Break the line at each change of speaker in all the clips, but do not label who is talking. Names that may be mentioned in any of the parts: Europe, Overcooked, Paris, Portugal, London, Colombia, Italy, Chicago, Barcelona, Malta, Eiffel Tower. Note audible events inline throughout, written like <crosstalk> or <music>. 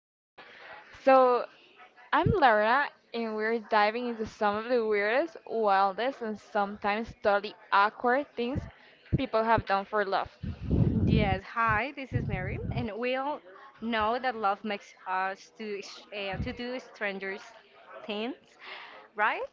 Things. So I'm Laura and we're diving into some of the weirdest, wildest and sometimes totally awkward things people have done for love.
Yes, hi, this is Mary, and we all know that love makes us to do strangers things, right?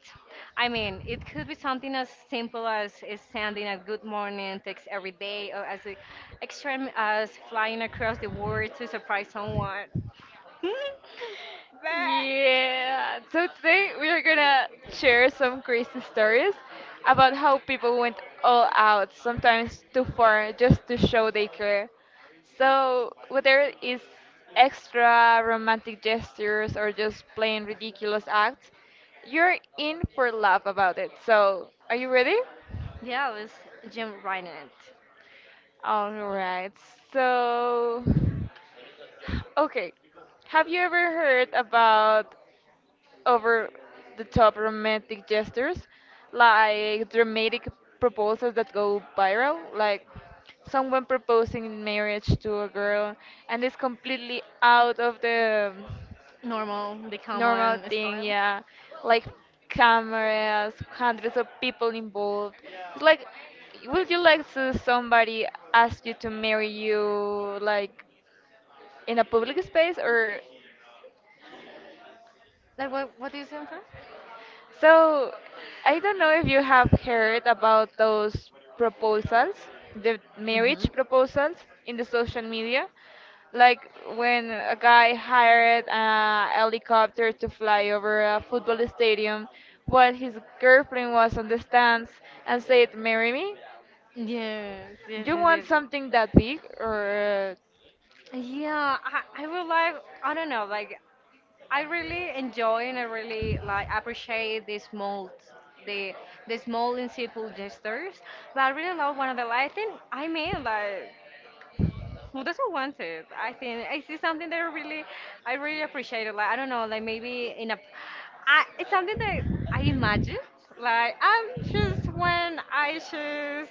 I mean, it could be something as simple as sending a good morning text every day, or as extreme as flying across the world to surprise someone. <laughs> Bah.
Yeah. So today we are gonna share some crazy stories about how people went all out, sometimes too far, just to show they care. So whether it's extra romantic gestures or just plain ridiculous acts, you're in for love about it. So are you ready?
Yeah, it was Jim, right?
All right. So, okay. Have you ever heard about over the top romantic gestures, like dramatic proposals that go viral, like someone proposing in marriage to a girl and it's completely out of the
Normal, the
normal
common
thing?
style.
Yeah. Like cameras, hundreds of people involved. It's like would you like to somebody ask you to marry you like in a public space or.
Like what? What do you say? I'm sorry?
So, I don't know if you have heard about those proposals, the marriage
Mhm.
proposals in the social media, like when a guy hired a helicopter to fly over a football stadium while his girlfriend was on the stands and said, "Marry me."
Yes, yes,
You want
yes, yes.
something that big, or
Yeah, I would like, I don't know, like, I really enjoy and I really, like, appreciate the small, the, the small and simple gestures. But I really love one of the, like, I think, I mean, like, who doesn't want it? I think I see something that I really appreciate it. Like I don't know, like maybe in a, I, it's something that I imagine. Like I'm just when I just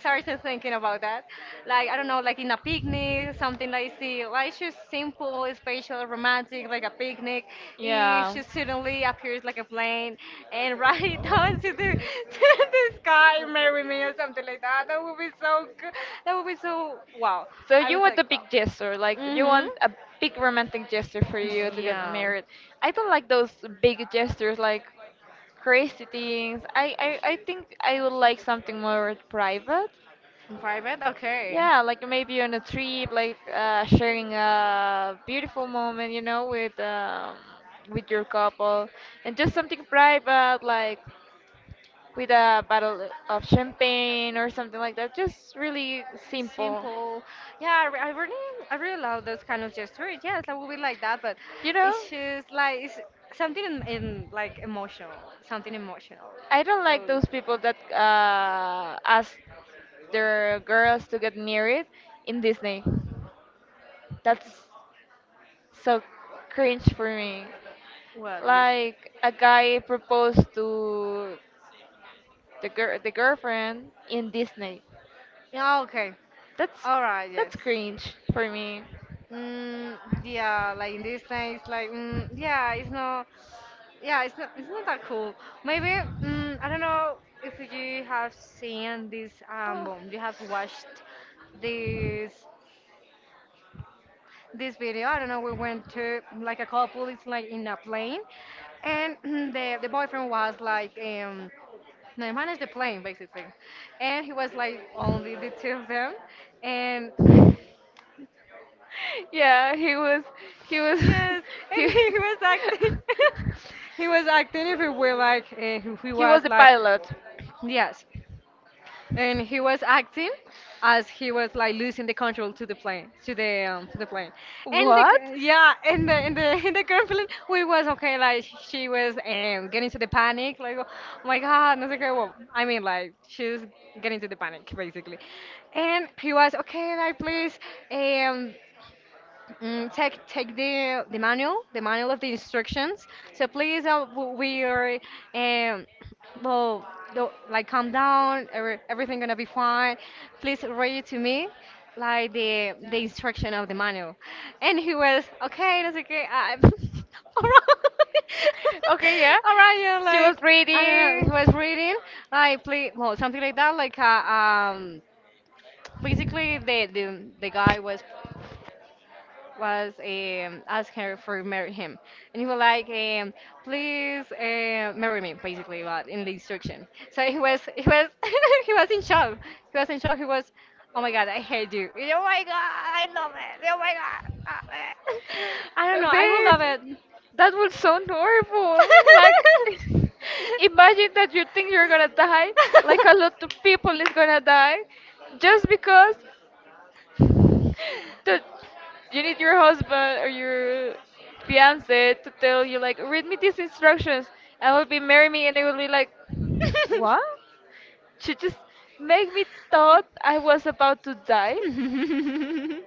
started thinking about that, like I don't know, like in a picnic, something that I see, like she's simple, special, romantic, like a picnic. It
yeah?
she suddenly appears like a plane and right <laughs> down to the sky, marry me or something like that. That would be so good. That would be so. Wow.
So
I
you
was
want a
like, wow.
big gesture, like you
Mhm.
want a big romantic gesture for you to get
Yeah.
married. I don't like those big gestures, like crazy things. I think I would like something more private.
In private. Okay.
Yeah, like maybe on a trip, like sharing a beautiful moment, you know, with your couple, and just something private, like with a bottle of champagne or something like that. Just really
Simple.
simple.
Simple. Yeah, I really love those kind of gestures. Yes, I will be like that, but
You know,
it's just like it's something in like emotional, something emotional.
I don't like
Those.
those people that ask their girls to get married in Disney. That's so cringe for me.
What? Which?
Like a guy proposed to the girl, the girlfriend in Disney.
Yeah. Okay.
That's
All right. Yes.
that's cringe for me.
Mm, yeah, like in this thing, it's like, yeah, it's not that cool. Maybe, I don't know if you have seen this
Ah.
album, you have watched this this video. I don't know. We went to like a couple. It's like in a plane, and <clears throat> the boyfriend was like, no, he managed the plane basically, and he was like only the two of them, and
<laughs> Yeah, he was
yes,
<laughs>
and
he
he was acting. <laughs> He was
<laughs>
acting if he were like he
he was
was
the
like
pilot.
yes, and he was acting as he was like losing the control to the plane, and the
What?
yeah, and the <laughs> and the girlfriend we was okay like she was getting to the panic like oh my god, no sé qué, well, I mean like she's getting to the panic basically, and he was okay like please um take take the manual of the instructions. So please, we are, um, well, do like calm down. Every, everything gonna be fine. Please read to me, like the instruction of the manual. And he was okay. That's okay. I'm <laughs> right.
Okay, yeah.
<laughs> All right. Yeah,
She was
like I don't know. He
reading.
was reading like please, well, something like that. Like basically the guy was asking her for marry him, and he was like, "Please marry me," basically, but in the instruction. <laughs> He was in shock. He was in shock. He was, "Oh my God, I hate you! Oh my God, I love it. Oh my God, I love it." <laughs> I don't know. I will
Babe,
love it.
that would sound horrible. Like, <laughs> imagine that you think you're gonna die, like a lot of people is gonna die, just because <sighs> the, you need your husband or your fiance to tell you, like, read
<laughs> <laughs>
me these instructions, and will be marry me, and it will be like, what? She just make me thought I was about to die.
I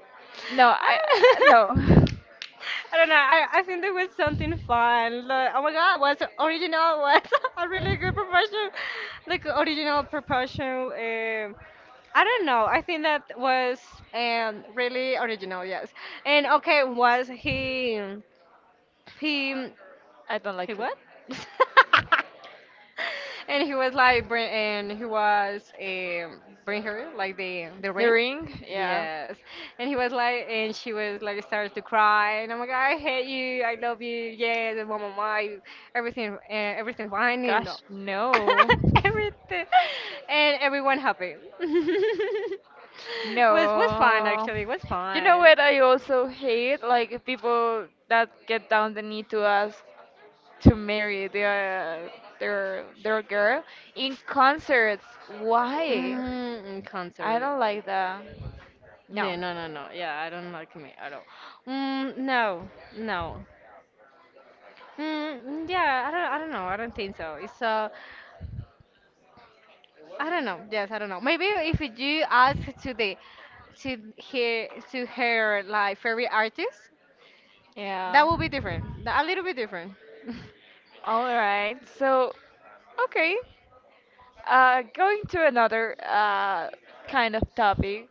No,
don't <laughs>
no,
I don't know. I think there was something fun. Like, oh my god, was original was <laughs> a really good proportion. Like original proportion. I don't know. I think that was really original. Yes. And okay, was he he
<laughs> I don't
he
like it.
what? <laughs> And he was like, and he was bring her like the
The
rain.
ring, yeah.
Yes, and he was like, and she was like, started to cry, and I'm like, I hate you, I love you, yes, and blah blah blah, everything, everything fine,
Gosh, no.
<laughs> everything, and everyone happy. <laughs> Was fun
No.
actually, was
You know
fun.
what I also hate? Like people that get down the knee to ask to marry their girl in concerts. Why?
Mm,
I
concert.
don't like that. No.
Yeah, no, no, no. Yeah, I don't like me at all. Mm, no, no. Yeah, I don't know. I don't think so. It's I don't know. Yes, I don't know. Maybe if you ask to the to to her like favorite artist,
Yeah.
that would be different. That- A little bit different. <laughs>
All right. So, okay. Going to another kind of topic.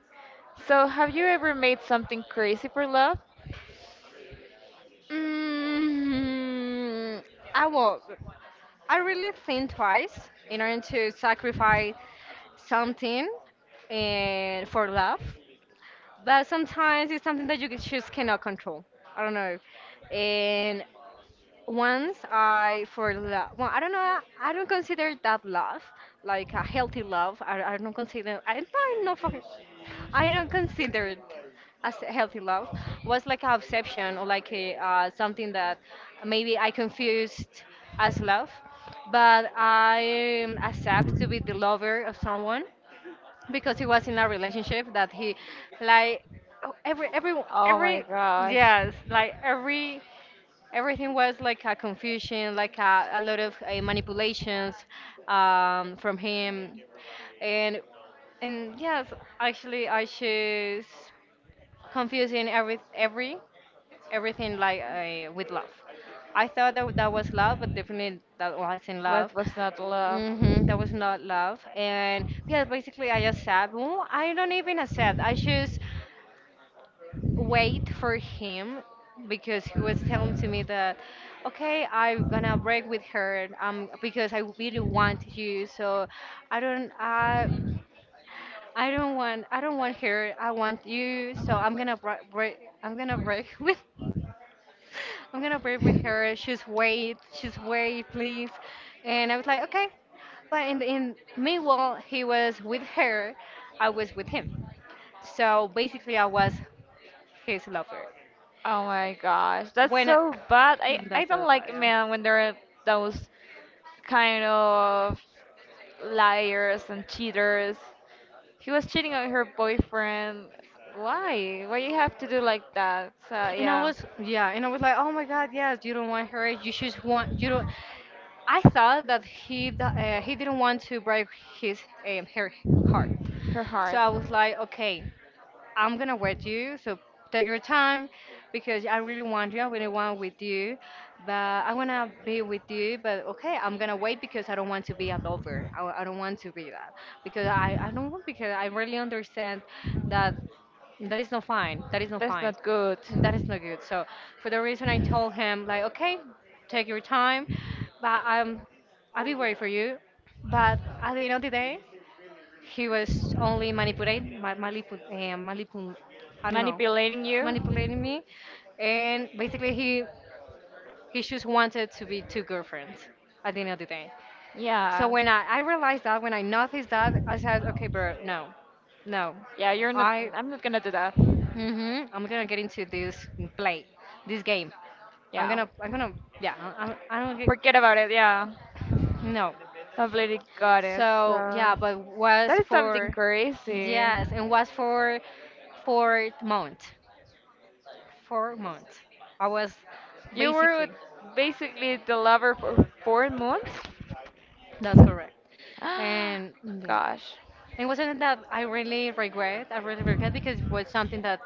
So, have you ever made something crazy for love?
Mm, I won't. I really think twice in order to sacrifice something and for love, but sometimes it's something that you just cannot control. I don't know, and once I for love. Well, I don't know. I don't consider that love like a healthy love. I don't consider. I don't know. For, I don't consider it as a healthy love. Was like a obsession or like a, something that maybe I confused as love, but I accept to be the lover of someone because he was in a relationship that he like oh,
Oh my
every
gosh.
yes like everything was like a confusion, like a lot of manipulations from him, and and yes, actually I choose confusing everything like with love. I thought that that was love, but definitely that wasn't
What
love.
was not love?
Mm-hmm, that was not love, and yeah, basically I accept. Well, I don't even accept. I choose wait for him because he was telling to me that okay, I'm gonna break with her, because I really want you, so i don't i I don't want, I don't want her, I want you, so I'm gonna break <laughs> with I'm gonna break with her, she's wait, please. And I was like, okay. But in meanwhile he was with her, I was with him, so basically I was his lover.
Oh my gosh, that's
When I-
so bad. I
<laughs>
I
that's so
don't
bad,
like
yeah.
men when they're those kind of liars and cheaters. He was cheating on her boyfriend. Why? Why you have to do like that? So
And I
yeah,
was yeah, and I was like, oh my God, yes, you don't want her. You just want you don't. I thought that he he didn't want to break his her heart,
her
so
heart.
I was like, okay. I'm gonna wait you, so take your time because I really want you. I really want with you, but I wanna be with you. But okay, I'm gonna wait because I don't want to be a lover. I don't want to be that because I don't want because I really understand that that is not fine. That is not
That's
fine.
not good.
And that is not good. So for the reason I told him like okay, take your time, but I'll be waiting for you. But at the end of the day. He was only manipulate, ma- manipu, manipu, I don't know,
Manipulating you?
manipulating me, and basically he just wanted to be two girlfriends at the end of the day. So
Yeah.
when I realized that, when I noticed that, I said, okay, bro, no, no,
Yeah, you're not.
I,
I'm not gonna do that.
mm-hmm, I'm gonna get into this play, this game. I'm
Yeah.
gonna, I'm gonna, yeah, I don't get,
Forget about it. Yeah.
no.
Completely got it. So
So yeah, but was
that is something
for
crazy.
yes, and was for 4 months. 4 months. I was
You were with
basically
basically the lover for 4 months.
that's correct. And
<gasps>
yeah.
Gosh.
It wasn't that I really regret. I really regret because it was something that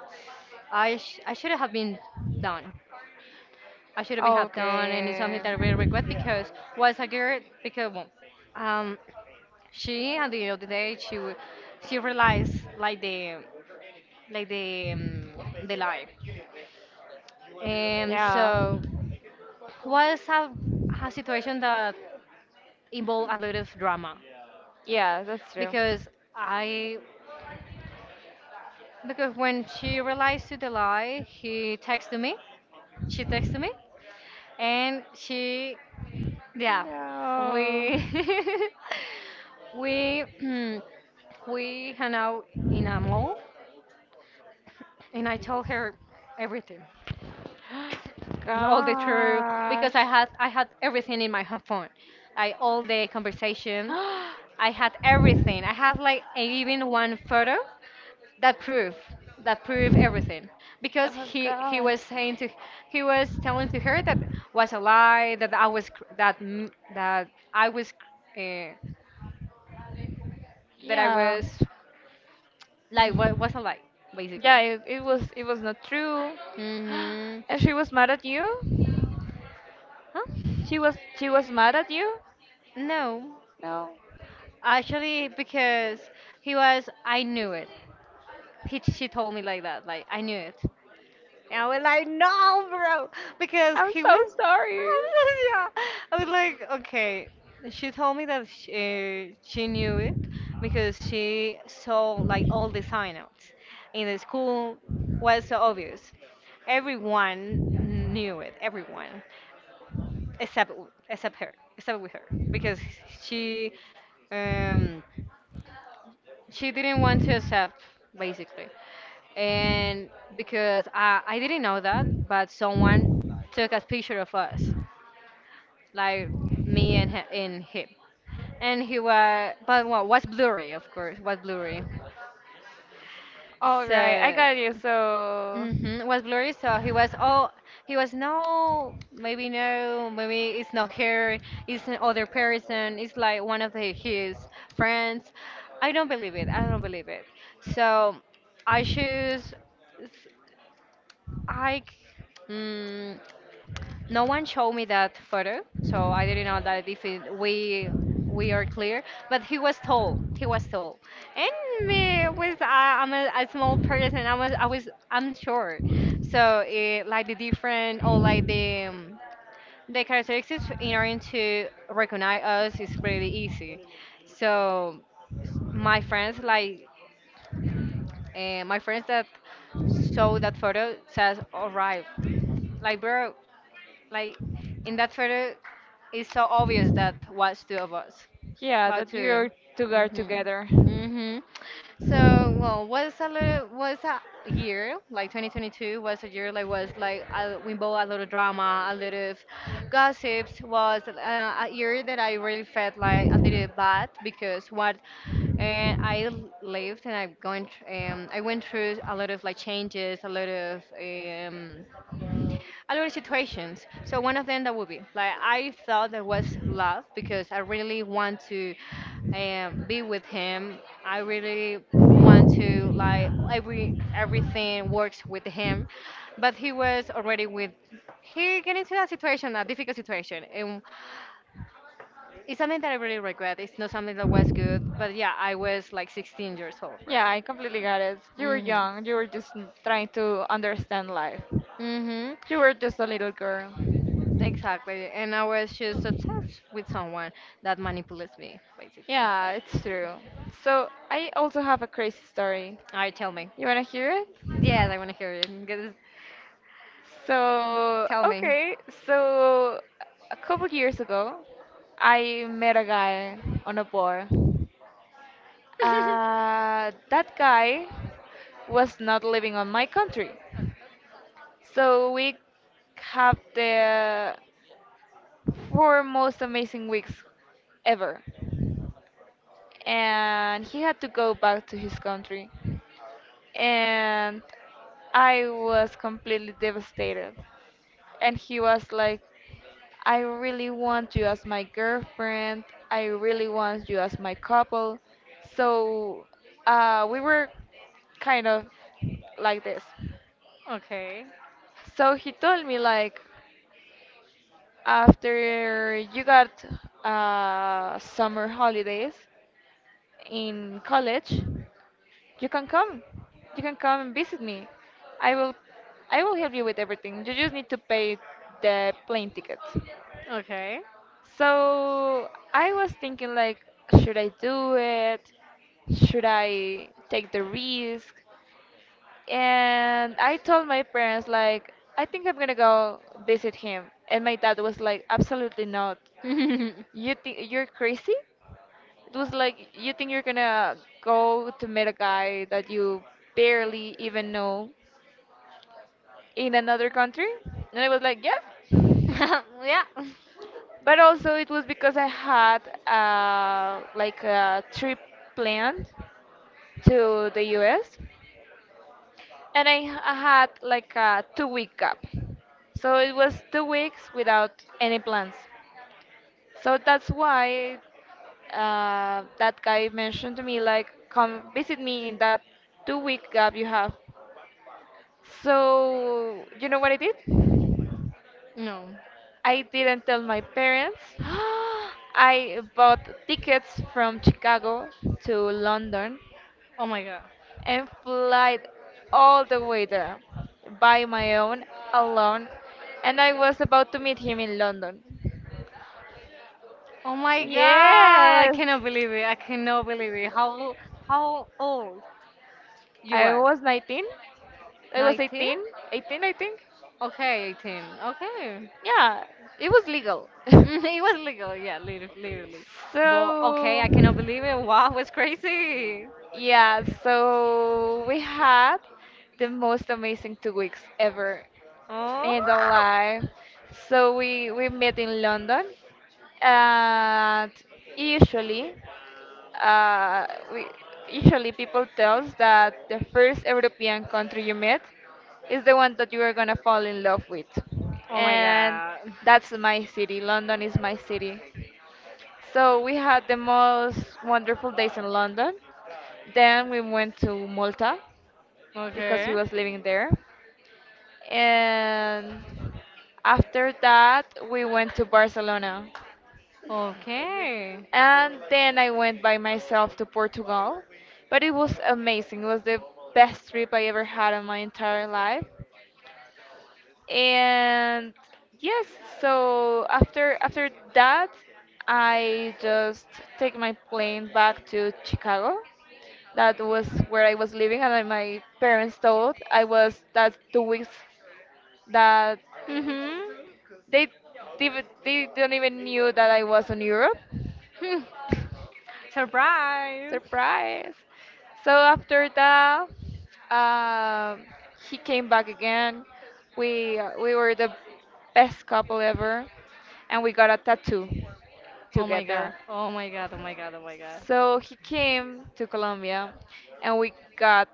I should have been done. I should
Oh,
have done, and it's something
okay.
that I really regret because was a girl, because well, um, she at the end of the day she realized like the life.
Yeah.
So was a situation that involved a lot of drama
Yeah, that's true.
because I because when she realized to the lie, he texted me. She texted me, and she yeah
No.
we <laughs> we <clears throat> we hung out in a mall, and I told her everything.
<gasps>
All the true, because
Gosh.
I had everything in my phone, like all the conversation.
<gasps>
I had everything. I had like even one photo that proof that proof everything because
Oh
he
gosh.
was saying to he was telling to her that was a lie, that I was cr- that m- I was uh, that I
Yeah.
was like what was a lie basically.
Yeah, it was not true.
Mhm.
<gasps> And she was mad at you?
Huh?
She was mad at you?
No,
No.
actually because he was I knew it. He, she told me like that. Like I knew it. And I was like, no, bro, because
I'm
he was.
so
<laughs>
sorry.
Yeah. I was like, okay. She told me that she knew it because she saw like all the signouts in the school was so obvious. Everyone knew it. Everyone except except her, except with her because she um, she didn't want to accept basically and because I didn't know that, but someone took a picture of us, like me and and him, and he was but what was blurry, of course, was blurry.
All
So,
right, I got you. So,
hmm was blurry. So he was oh, he was no, maybe no, maybe it's not her, it's another person, it's like one of the, his friends. I don't believe it. I don't believe it. So I choose. I mm, no one showed me that photo, so I didn't know that if it, we are clear. But he was tall. He was tall, and me with I'm a small person. I'm short, so it, like the different or like the characteristics in order to recognize us is pretty easy. So my friends like my friends that saw that photo says, "All right, like bro." Like in that photo, it's so obvious that was two of us.
yeah,
About
that
two.
you two are
Mhm.
together.
Mhm. So well, was a little was a year like 2022 was a year like was like a, we both a lot of drama, a lot of gossips. Was a year that I really felt like a little bad because what and lived and I went through a lot of like changes, a lot of situations. So one of them that would be like I thought there was love because I really want to be with him. I really want to like everything works with him, but he was already with. He get into that situation, a difficult situation, and it's something that I really regret. It's not something that was good, but yeah, I was like 16 years old, bro.
Yeah, I completely got it. You were
Mhm.
young. You were just trying to understand life.
Mhm.
You were just a little girl.
Exactly. And I was just obsessed with someone that manipulates me, basically.
Yeah, it's true. So I also
All
have a crazy story.
right, tell me.
You wanna hear it?
Yes, I want to hear it. Get this-
So,
Tell me.
okay, so a couple years ago, I met a guy on a bar.
<laughs>
That guy was not living on my country. So we have the four most amazing weeks ever. And he had to go back to his country. And I was completely devastated. And he was like, I really want you as my girlfriend. I really want you as my couple. So we were kind of like this.
Okay.
So he told me like after you got summer holidays in college, you can come. You can come and visit me. I will I will help you with everything. You just need to pay the plane ticket.
Okay.
So I was thinking like should I do it? Should I take the risk? And I told my parents like I think I'm gonna go visit him. And my dad was like absolutely not. You think you're crazy? It was like you think you're gonna go to meet a guy
<laughs>
that you barely even know in another country, and I was like, yeah.
Yeah.
But also it was because I had like a trip planned to the U.S. and I had like a two-week gap, so it was 2 weeks without any plans. So that's why that guy mentioned to me like, come visit me in that 2 week gap you have. So you know what I did?
No.
I didn't tell my parents. I bought tickets
<gasps>
from Chicago to London
Oh my god.
and flight all the way there by my own alone and I was about to meet him in London.
Oh my god, I
Yes.
cannot believe it. I cannot believe it. How old you
I
was?
was 19. I was
19?
18, 18 I think.
Okay, 18. Okay. <laughs>
Yeah, it was legal. <laughs>
It was legal, yeah, literally. Well, okay,
So,
I cannot believe it. Wow, it was crazy.
yeah, so we had the most amazing 2 weeks ever
Oh.
in the life. So we met in London, and usually, uh, we usually people tells that the first European country you met is the one that you are gonna fall in love with,
Oh my
and
god.
that's my city. London is my city. So we had the most wonderful days in London. Then we went to Malta because he
Okay.
was living there. And after that, we went to Barcelona.
Okay.
And then I went by myself to Portugal. But it was amazing. It was the best trip I ever had in my entire life. And yes, so after that I just take my plane back to Chicago, that was where I was living and I, my parents told I was that 2 weeks that
Mhm.
they, they don't even knew that I was in Europe.
Hmm. <laughs> Surprise.
Surprise! So after that, um, he came back again. We were the best couple ever, and we got a tattoo
Oh my god.
together.
Oh my god. Oh my god. Oh my god.
So he came to Colombia, and we got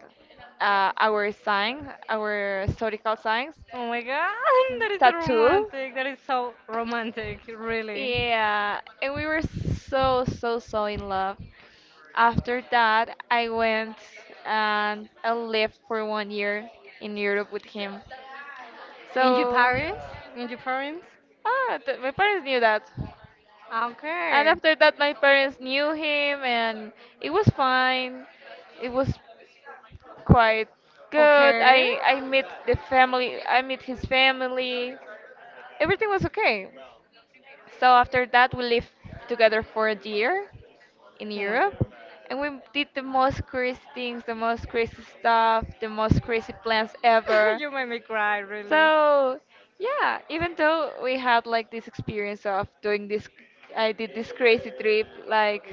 our sign, our historical signs,
Oh my god. <laughs> That is so
tattoo.
romantic. That is so romantic, really.
Yeah, and we were so so so in love. After that, I went and I lived for one year in Europe with him.
In your
So,
parents? In your parents?
ah, th my parents knew that. And
Okay.
after that, my parents knew him, and it was fine. It was quite good.
Okay.
I
Oh
met the family. I met his family. Everything was okay. So after that, we lived together for a year in
my
Europe,
god.
and we did the most crazy things, the most crazy stuff, the most crazy plans
<laughs>
ever.
You made me cry, really.
So yeah, even though we had like this experience of doing this, I did this crazy trip like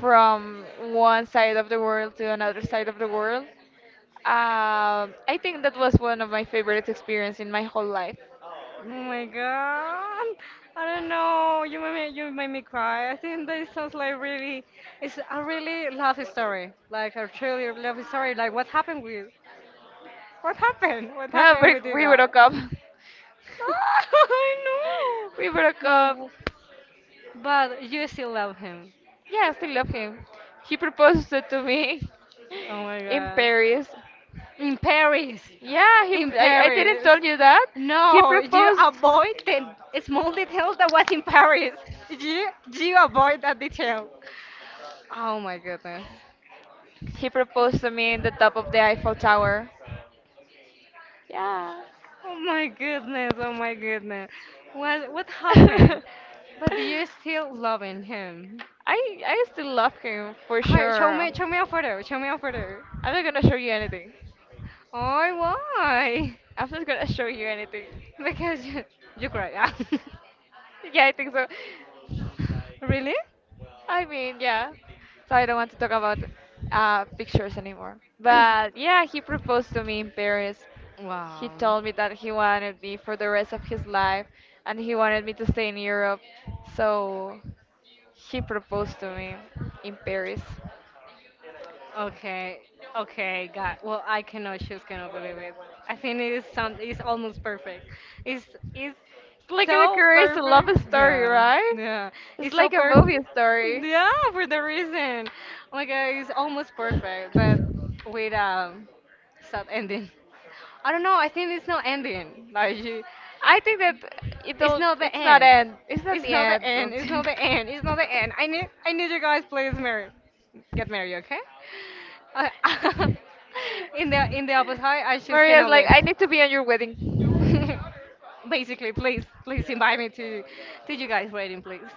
from one side of the world to another side of the world. I think that was one of my favorite experience in my whole life.
Oh my god. I don't know. You made me cry. I think that sounds like really, it's a really love story. Like a truly love story. Like what happened with, what happened? What
Yeah,
happened
we,
with you
we
guys?
broke up.
<laughs> I know.
<laughs> We broke
But
up.
w- but you still love him.
Yeah, I still love him. He proposed it to me
Oh my
<laughs> in
god.
Paris.
In Paris.
Yeah, he.
In
I didn't
Paris.
tell you that. He
No, you
proposed.
avoid the small detail that was in Paris. You avoid that detail. Oh my goodness.
He proposed to me in the top of the Eiffel Tower. Yeah.
Oh my goodness. Oh my goodness. What
<laughs>
happened? But you're still loving him.
I I still love him for
Hi,
sure.
show me a photo. Show me a photo.
I'm not gonna show you anything.
Oh, why?
I'm not gonna show you anything.
Because you cry. Ah. <laughs>
Yeah, I think so.
Really?
I mean, yeah. So I don't want to talk about pictures anymore. But yeah, he proposed to me in Paris. He
Wow.
told me that he wanted me for the rest of his life and he wanted me to stay in Europe. So he proposed to me in Paris.
Okay. Okay, God. Well, I cannot just cannot believe it. I think it is some it's almost perfect. It's it's
It's like a
so
career a love
perfect.
story,
Yeah.
right?
Yeah.
It's
It's so
like a movie
perfect.
story.
Yeah, for the reason. Oh my God, it's almost perfect, but with sad ending. I don't know, I think it's not ending. Like you,
I think that
it's not the
it's not
end.
end. It's not
It's
the
not the
end.
end. It's not the end. It's not the end. I need you guys please marry get married, okay? Uh, <laughs> in the in the opposite I
<laughs>
just
Maria's
cannot
like,
live.
I need to be on your wedding.
<laughs> Basically, please, please invite me to you guys wedding, please.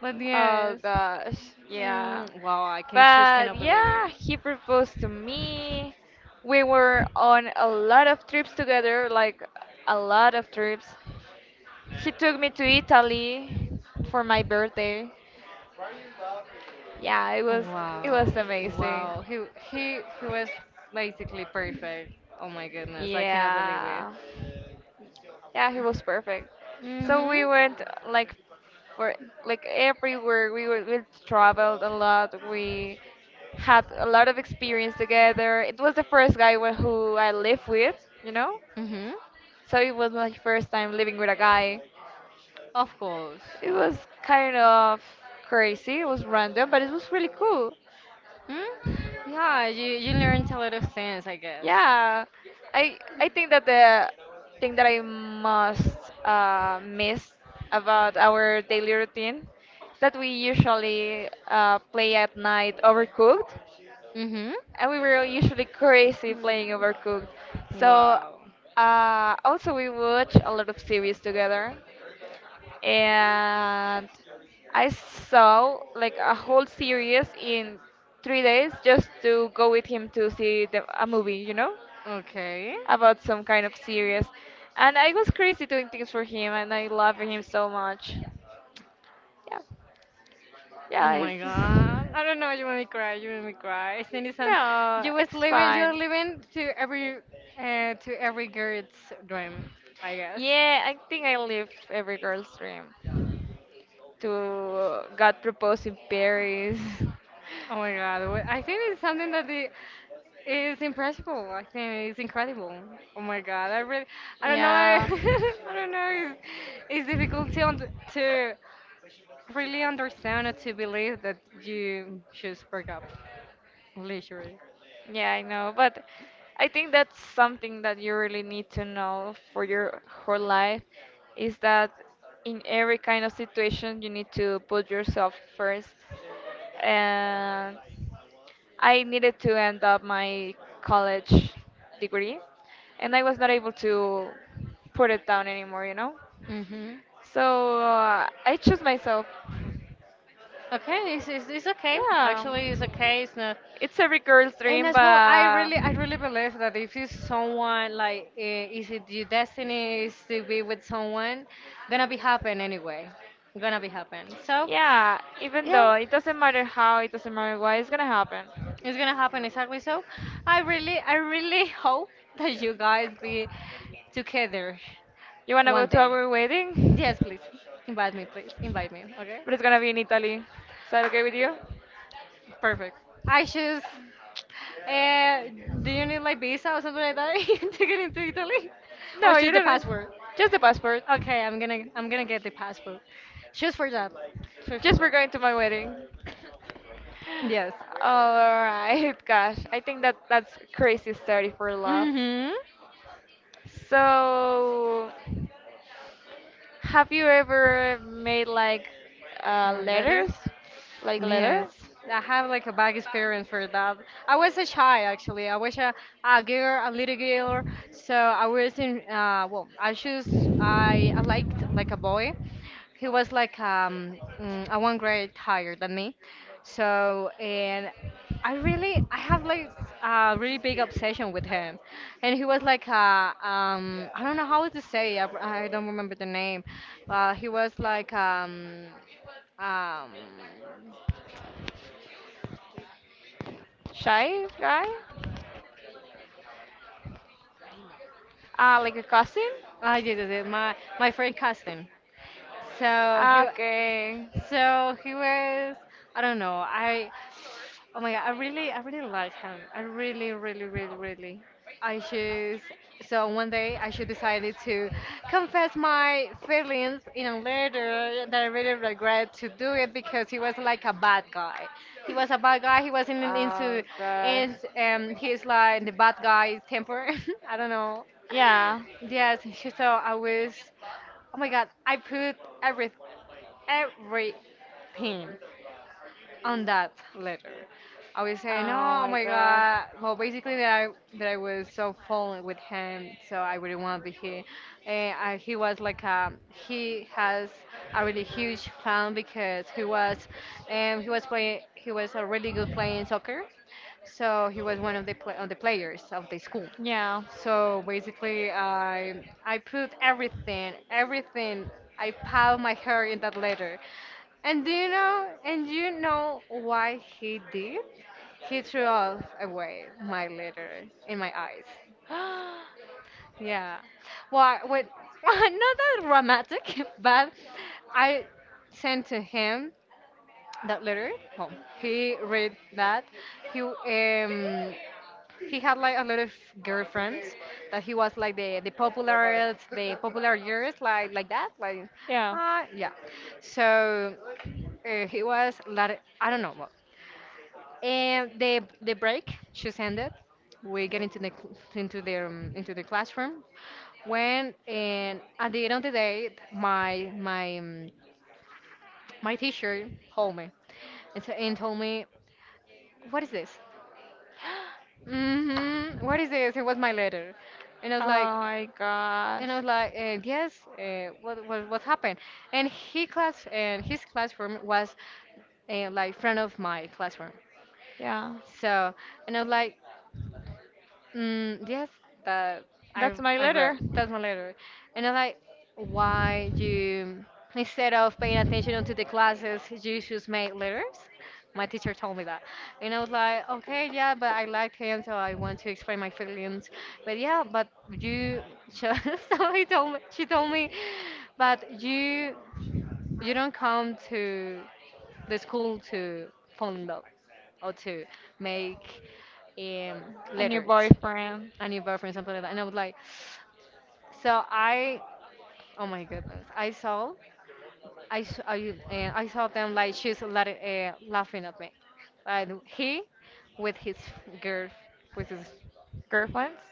But
Oh
yes.
gosh, yeah.
Wow, I can just
But
cannot believe it.
yeah, he proposed to me. We were on a lot of trips together, like a lot of trips. He took me to Italy for my birthday. Yeah, it was it
Wow,
was amazing.
wow. He was basically perfect. Oh my goodness, I cannot believe it.
Yeah. Yeah, he was perfect. So we
Mhm.
went like for like everywhere. We traveled a lot. We had a lot of experience together. It was the first guy who I lived with, you know.
Mm-hmm.
So it was my first time living with a guy.
Of course.
It was kind of crazy. It was random, but it was really cool.
Hmm. Yeah, you learn a lot of things, I guess.
Yeah, I think that the thing that I most miss about our daily routine is that we usually play at night Overcooked,
Mm-hmm.
and we were usually crazy playing Overcooked. So
Wow.
also we watch a lot of series together, and I saw like a whole series in 3 days just to go with him to see a movie,
Okay.
About some kind of series. And I was crazy doing things for him, and I love him so much. Yeah,
Oh
yeah,
my
it's,
god.
<laughs>
I don't know, you made me cry. Citizen,
no, it's
you were
fine.
living to every girl's dream, I guess.
Yeah, I think I live every girl's dream to got proposed in Paris. <laughs>
Oh my god. I think it's something that the is impressible. I think it's incredible. Oh my god. I really I don't know. <laughs>
Yeah.
I don't know. It's difficult to really understand or to believe that you should break up literally.
Yeah, I know, but I think that's something that you really need to know for your whole life is that in every kind of situation you need to put yourself first. And I needed to end up my college degree, and I was not able to put it down anymore.
Mhm.
So I chose myself.
Okay, it's okay.
Yeah.
Actually, it's okay. It's not.
It's every girl's
And
dream,
as well,
but
I really believe that if it's someone like, eh, is it your destiny is to be with someone, gonna be happen anyway, gonna be happen. So,
yeah, even
yeah,
though it doesn't matter how, it doesn't matter why, it's gonna happen.
it's gonna happen exactly. So, I really <laughs> hope that you guys be together
You wanna go
one
to
day.
our
Yes,
wedding?
please invite me, please invite me. Okay.
But it's gonna be in Italy. Is that okay with you?
Perfect. I just. Uh, do you need like visa or something like that <laughs> to get into Italy, or
No, you
just the
don't.
passport?
Just the passport.
Okay, I'm gonna get the passport. Just for that. Just for
Just for
that.
going to my wedding.
Yes.
Alright, <laughs> gosh. I think that that's crazy story for love.
Mhm.
So, have you ever made like
Leather.
letters? Like
Yes,
letter?
I have like a bad experience for that. I was a shy actually. I was a girl, a little girl. So I was in, well, I choose, I liked like a boy. He was like a one grade higher than me. So, and I have like a really big obsession with him. And he was like I don't know how to say, I don't remember the name, but he was like, um,
Shy guy? Like a cousin?
I did it. My friend cast him. So he,
Ah,
wa-
okay.
so he was. I don't know. I. Oh my god! I really like him. I really, really, really, really. I should. So one day I should decided to confess my feelings in a letter that I really regret to do it because he was like a bad guy. He was a bad guy. He wasn't in-
Oh
into,
gosh.
and he's like the bad guy temper. <laughs> I don't know.
Yeah.
Yes. So I was. Oh my god, I put every everything on that letter. I was saying,
Oh
"Oh
my
my
god.
God!" Well, basically that I was so falling with him, so I really want to be here. And I, he was like he has a really huge fan because he was play he was a really good playing soccer, so he was one of the players of the school.
Yeah.
So basically, I put everything, everything. I piled my hair in that letter, and do you know? And you know why he did? He threw off away my letter in my eyes.
<gasps>
Yeah. Well, wait, <laughs> not that dramatic, <laughs> but I sent to him that letter. Well, he read that. He um he had like a lot of girlfriends that he was like the popular years like that like
Yeah. <gasps>
yeah. So he was like I don't know. Well, and the break just ended. We get into the cl- into the classroom when and at the end of the day, my my teacher called me and, and told me, "What is this? Mm-hmm. What is this? It was my letter." And
Oh my gosh.
and I was like, "Yes. What happened?" And he class and his classroom was like front of my classroom.
Yeah,
So and I was like. Mm, yes, that
that's my
I
letter.
wrote. That's my letter. And I like why you instead of paying attention to the classes, you just make letters. My teacher told me that, and I was like, okay, yeah, but I liked him, so I want to explain my feelings. But yeah, but you just <laughs> so he told me she told me, but you don't come to the school to fall in love or to make um,
A new
letters
boyfriend,
a new boyfriend, something like that. And I was like, so I, oh my goodness, I, saw, I, I saw them like laughing at me, like he, with his girl, with his
girlfriends,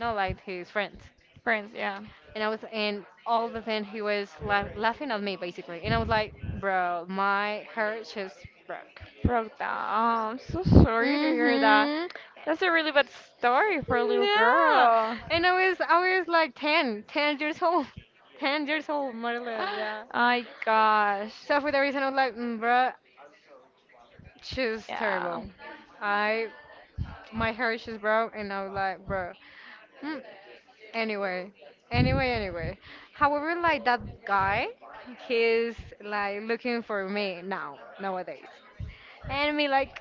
no like his friends,
friends. Yeah,
and I was and all the time he was laughing at me basically, and I was like, bro, my heart just broke.
broke down. I'm so sorry to hear that.
Mhm.
That's a really bad story for a little
No.
girl.
And I was like 10 years old. <laughs> 10 years old, more or less, yeah.
<gasps> My gosh.
So for the reason of like, mm, bro, she's
Yeah.
terrible. I my hair is broke, and I was like, bro. Mm. Anyway, anyway. However, like that guy, he's like looking for me now nowadays, and me like,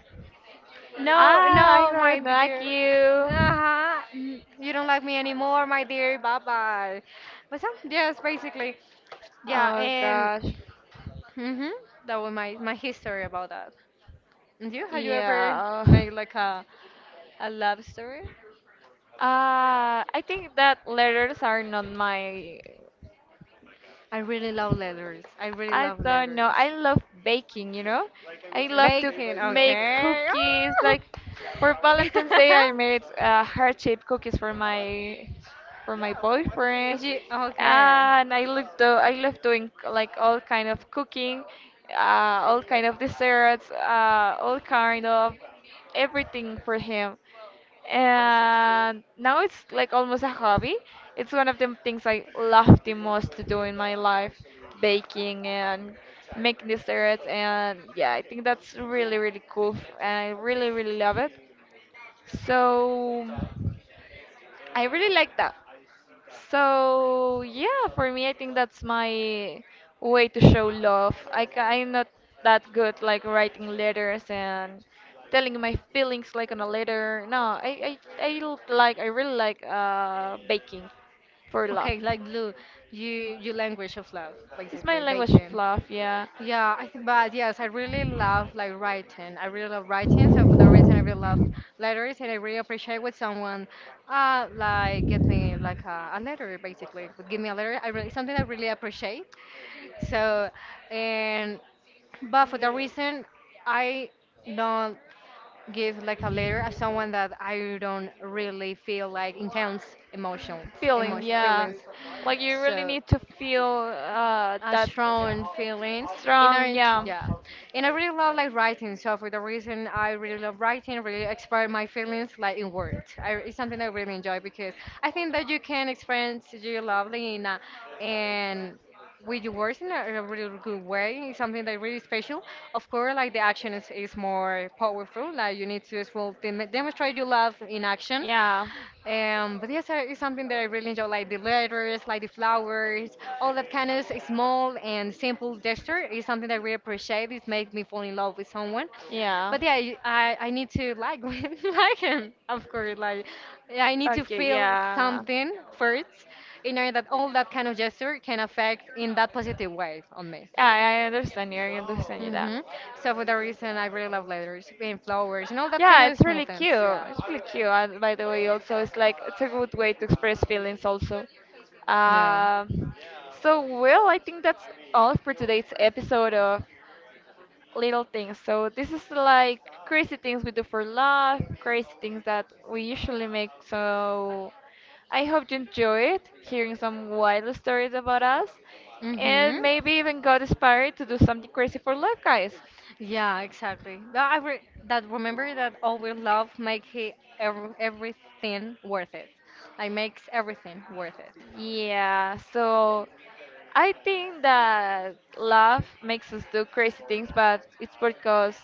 no,
Ah, I
no, my
really like
dear.
you.
Uh-huh. You don't like me anymore, my dear. Bye bye. But some, yes, basically, yeah.
Oh
And
gosh.
hmm that was my history about that. And you, have you ever
Yeah.
made like a love story?
I think that letters are not my.
I really love letters. I really
I
love
don't know.
letters.
I love baking, I love to
Baking,
make
okay.
cookies.
Oh!
Like for Valentine's Day, I
<laughs>
made heart-shaped cookies for my boyfriend,
Is you okay?
and I love doing like all kind of cooking, uh, all kind of desserts, all kind of everything for him, and now it's like almost a hobby. It's one of the things I love the most to do in my life, baking and making desserts, and yeah, I think that's really really cool, and I really really love it. So. I really like that. So yeah, for me, I think that's my way to show love. I'm not that good like writing letters and telling my feelings like on a letter. No, I like I really like baking for love.
Okay, like Lou, you language of love,
It's my
basically
language of
baking.
love, yeah.
Yeah, I think, but yes, I really love like writing. I really love writing, so for that reason, I really love letters, and I really appreciate when someone, like get me like a letter, basically, would give me a letter. I really something I really appreciate. So, and but for that reason, I don't give like a letter as someone that I don't really feel like intense emotions,
Feeling,
emotion
yeah.
feelings.
Like you really
So
need to feel
a
that
strong feeling in
strong,
order
yeah.
yeah and I really love like writing so for the reason I really love writing really express my feelings like in words I, it's something I really enjoy because I think that you can experience your love in a, and with your words in a really good way it's something that really special of course like the action is more powerful like you need to as well demonstrate your love in action.
Yeah.
But yes, it's something that I really enjoy, like the letters, like the flowers, all that kind of small and simple gesture is something that I really appreciate. It makes me fall in love with someone.
Yeah.
But yeah, I need to like <laughs> like him, of course. Like yeah, I need to
Okay,
feel
yeah.
something first in order that all that kind of gesture can affect in that positive way on me.
I understand you that.
Hmm. So for that reason, I really love letters and flowers and all that kind
Yeah,
of
it's
small
really
things.
cute.
Yeah.
It's really cute. And by the way, also, it's like it's a good way to express feelings, also.
Yeah.
Um, so, well, I think that's all for today's episode of Little Things. So, this is like crazy things we do for love, crazy things that we usually make. So, I hope you enjoyed hearing some wild stories about us
Mm-hmm.
and maybe even got inspired to do something crazy for life, guys.
Yeah, exactly. But I re that remember that our love make he ev everything worth it. Like makes everything worth it.
Yeah, so I think that love makes us do crazy things, but it's because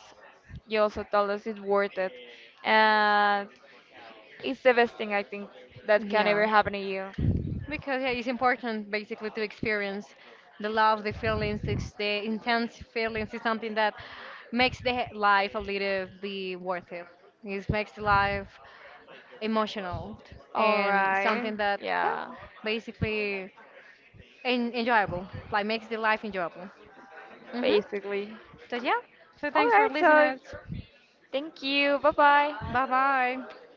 you also told us it's worth it. And it's the best thing I think that can ever
Yeah.
happen to you.
Because yeah, it's important basically to experience the love, the feelings, it's the intense feelings is something that makes the life a little be worth it. It makes the life emotional and
Alright,
something that yeah
yeah,
basically enjoyable like makes the life enjoyable hmm
basically.
so yeah so thanks for
Alright, so
listening
thank you. Bye bye.
bye bye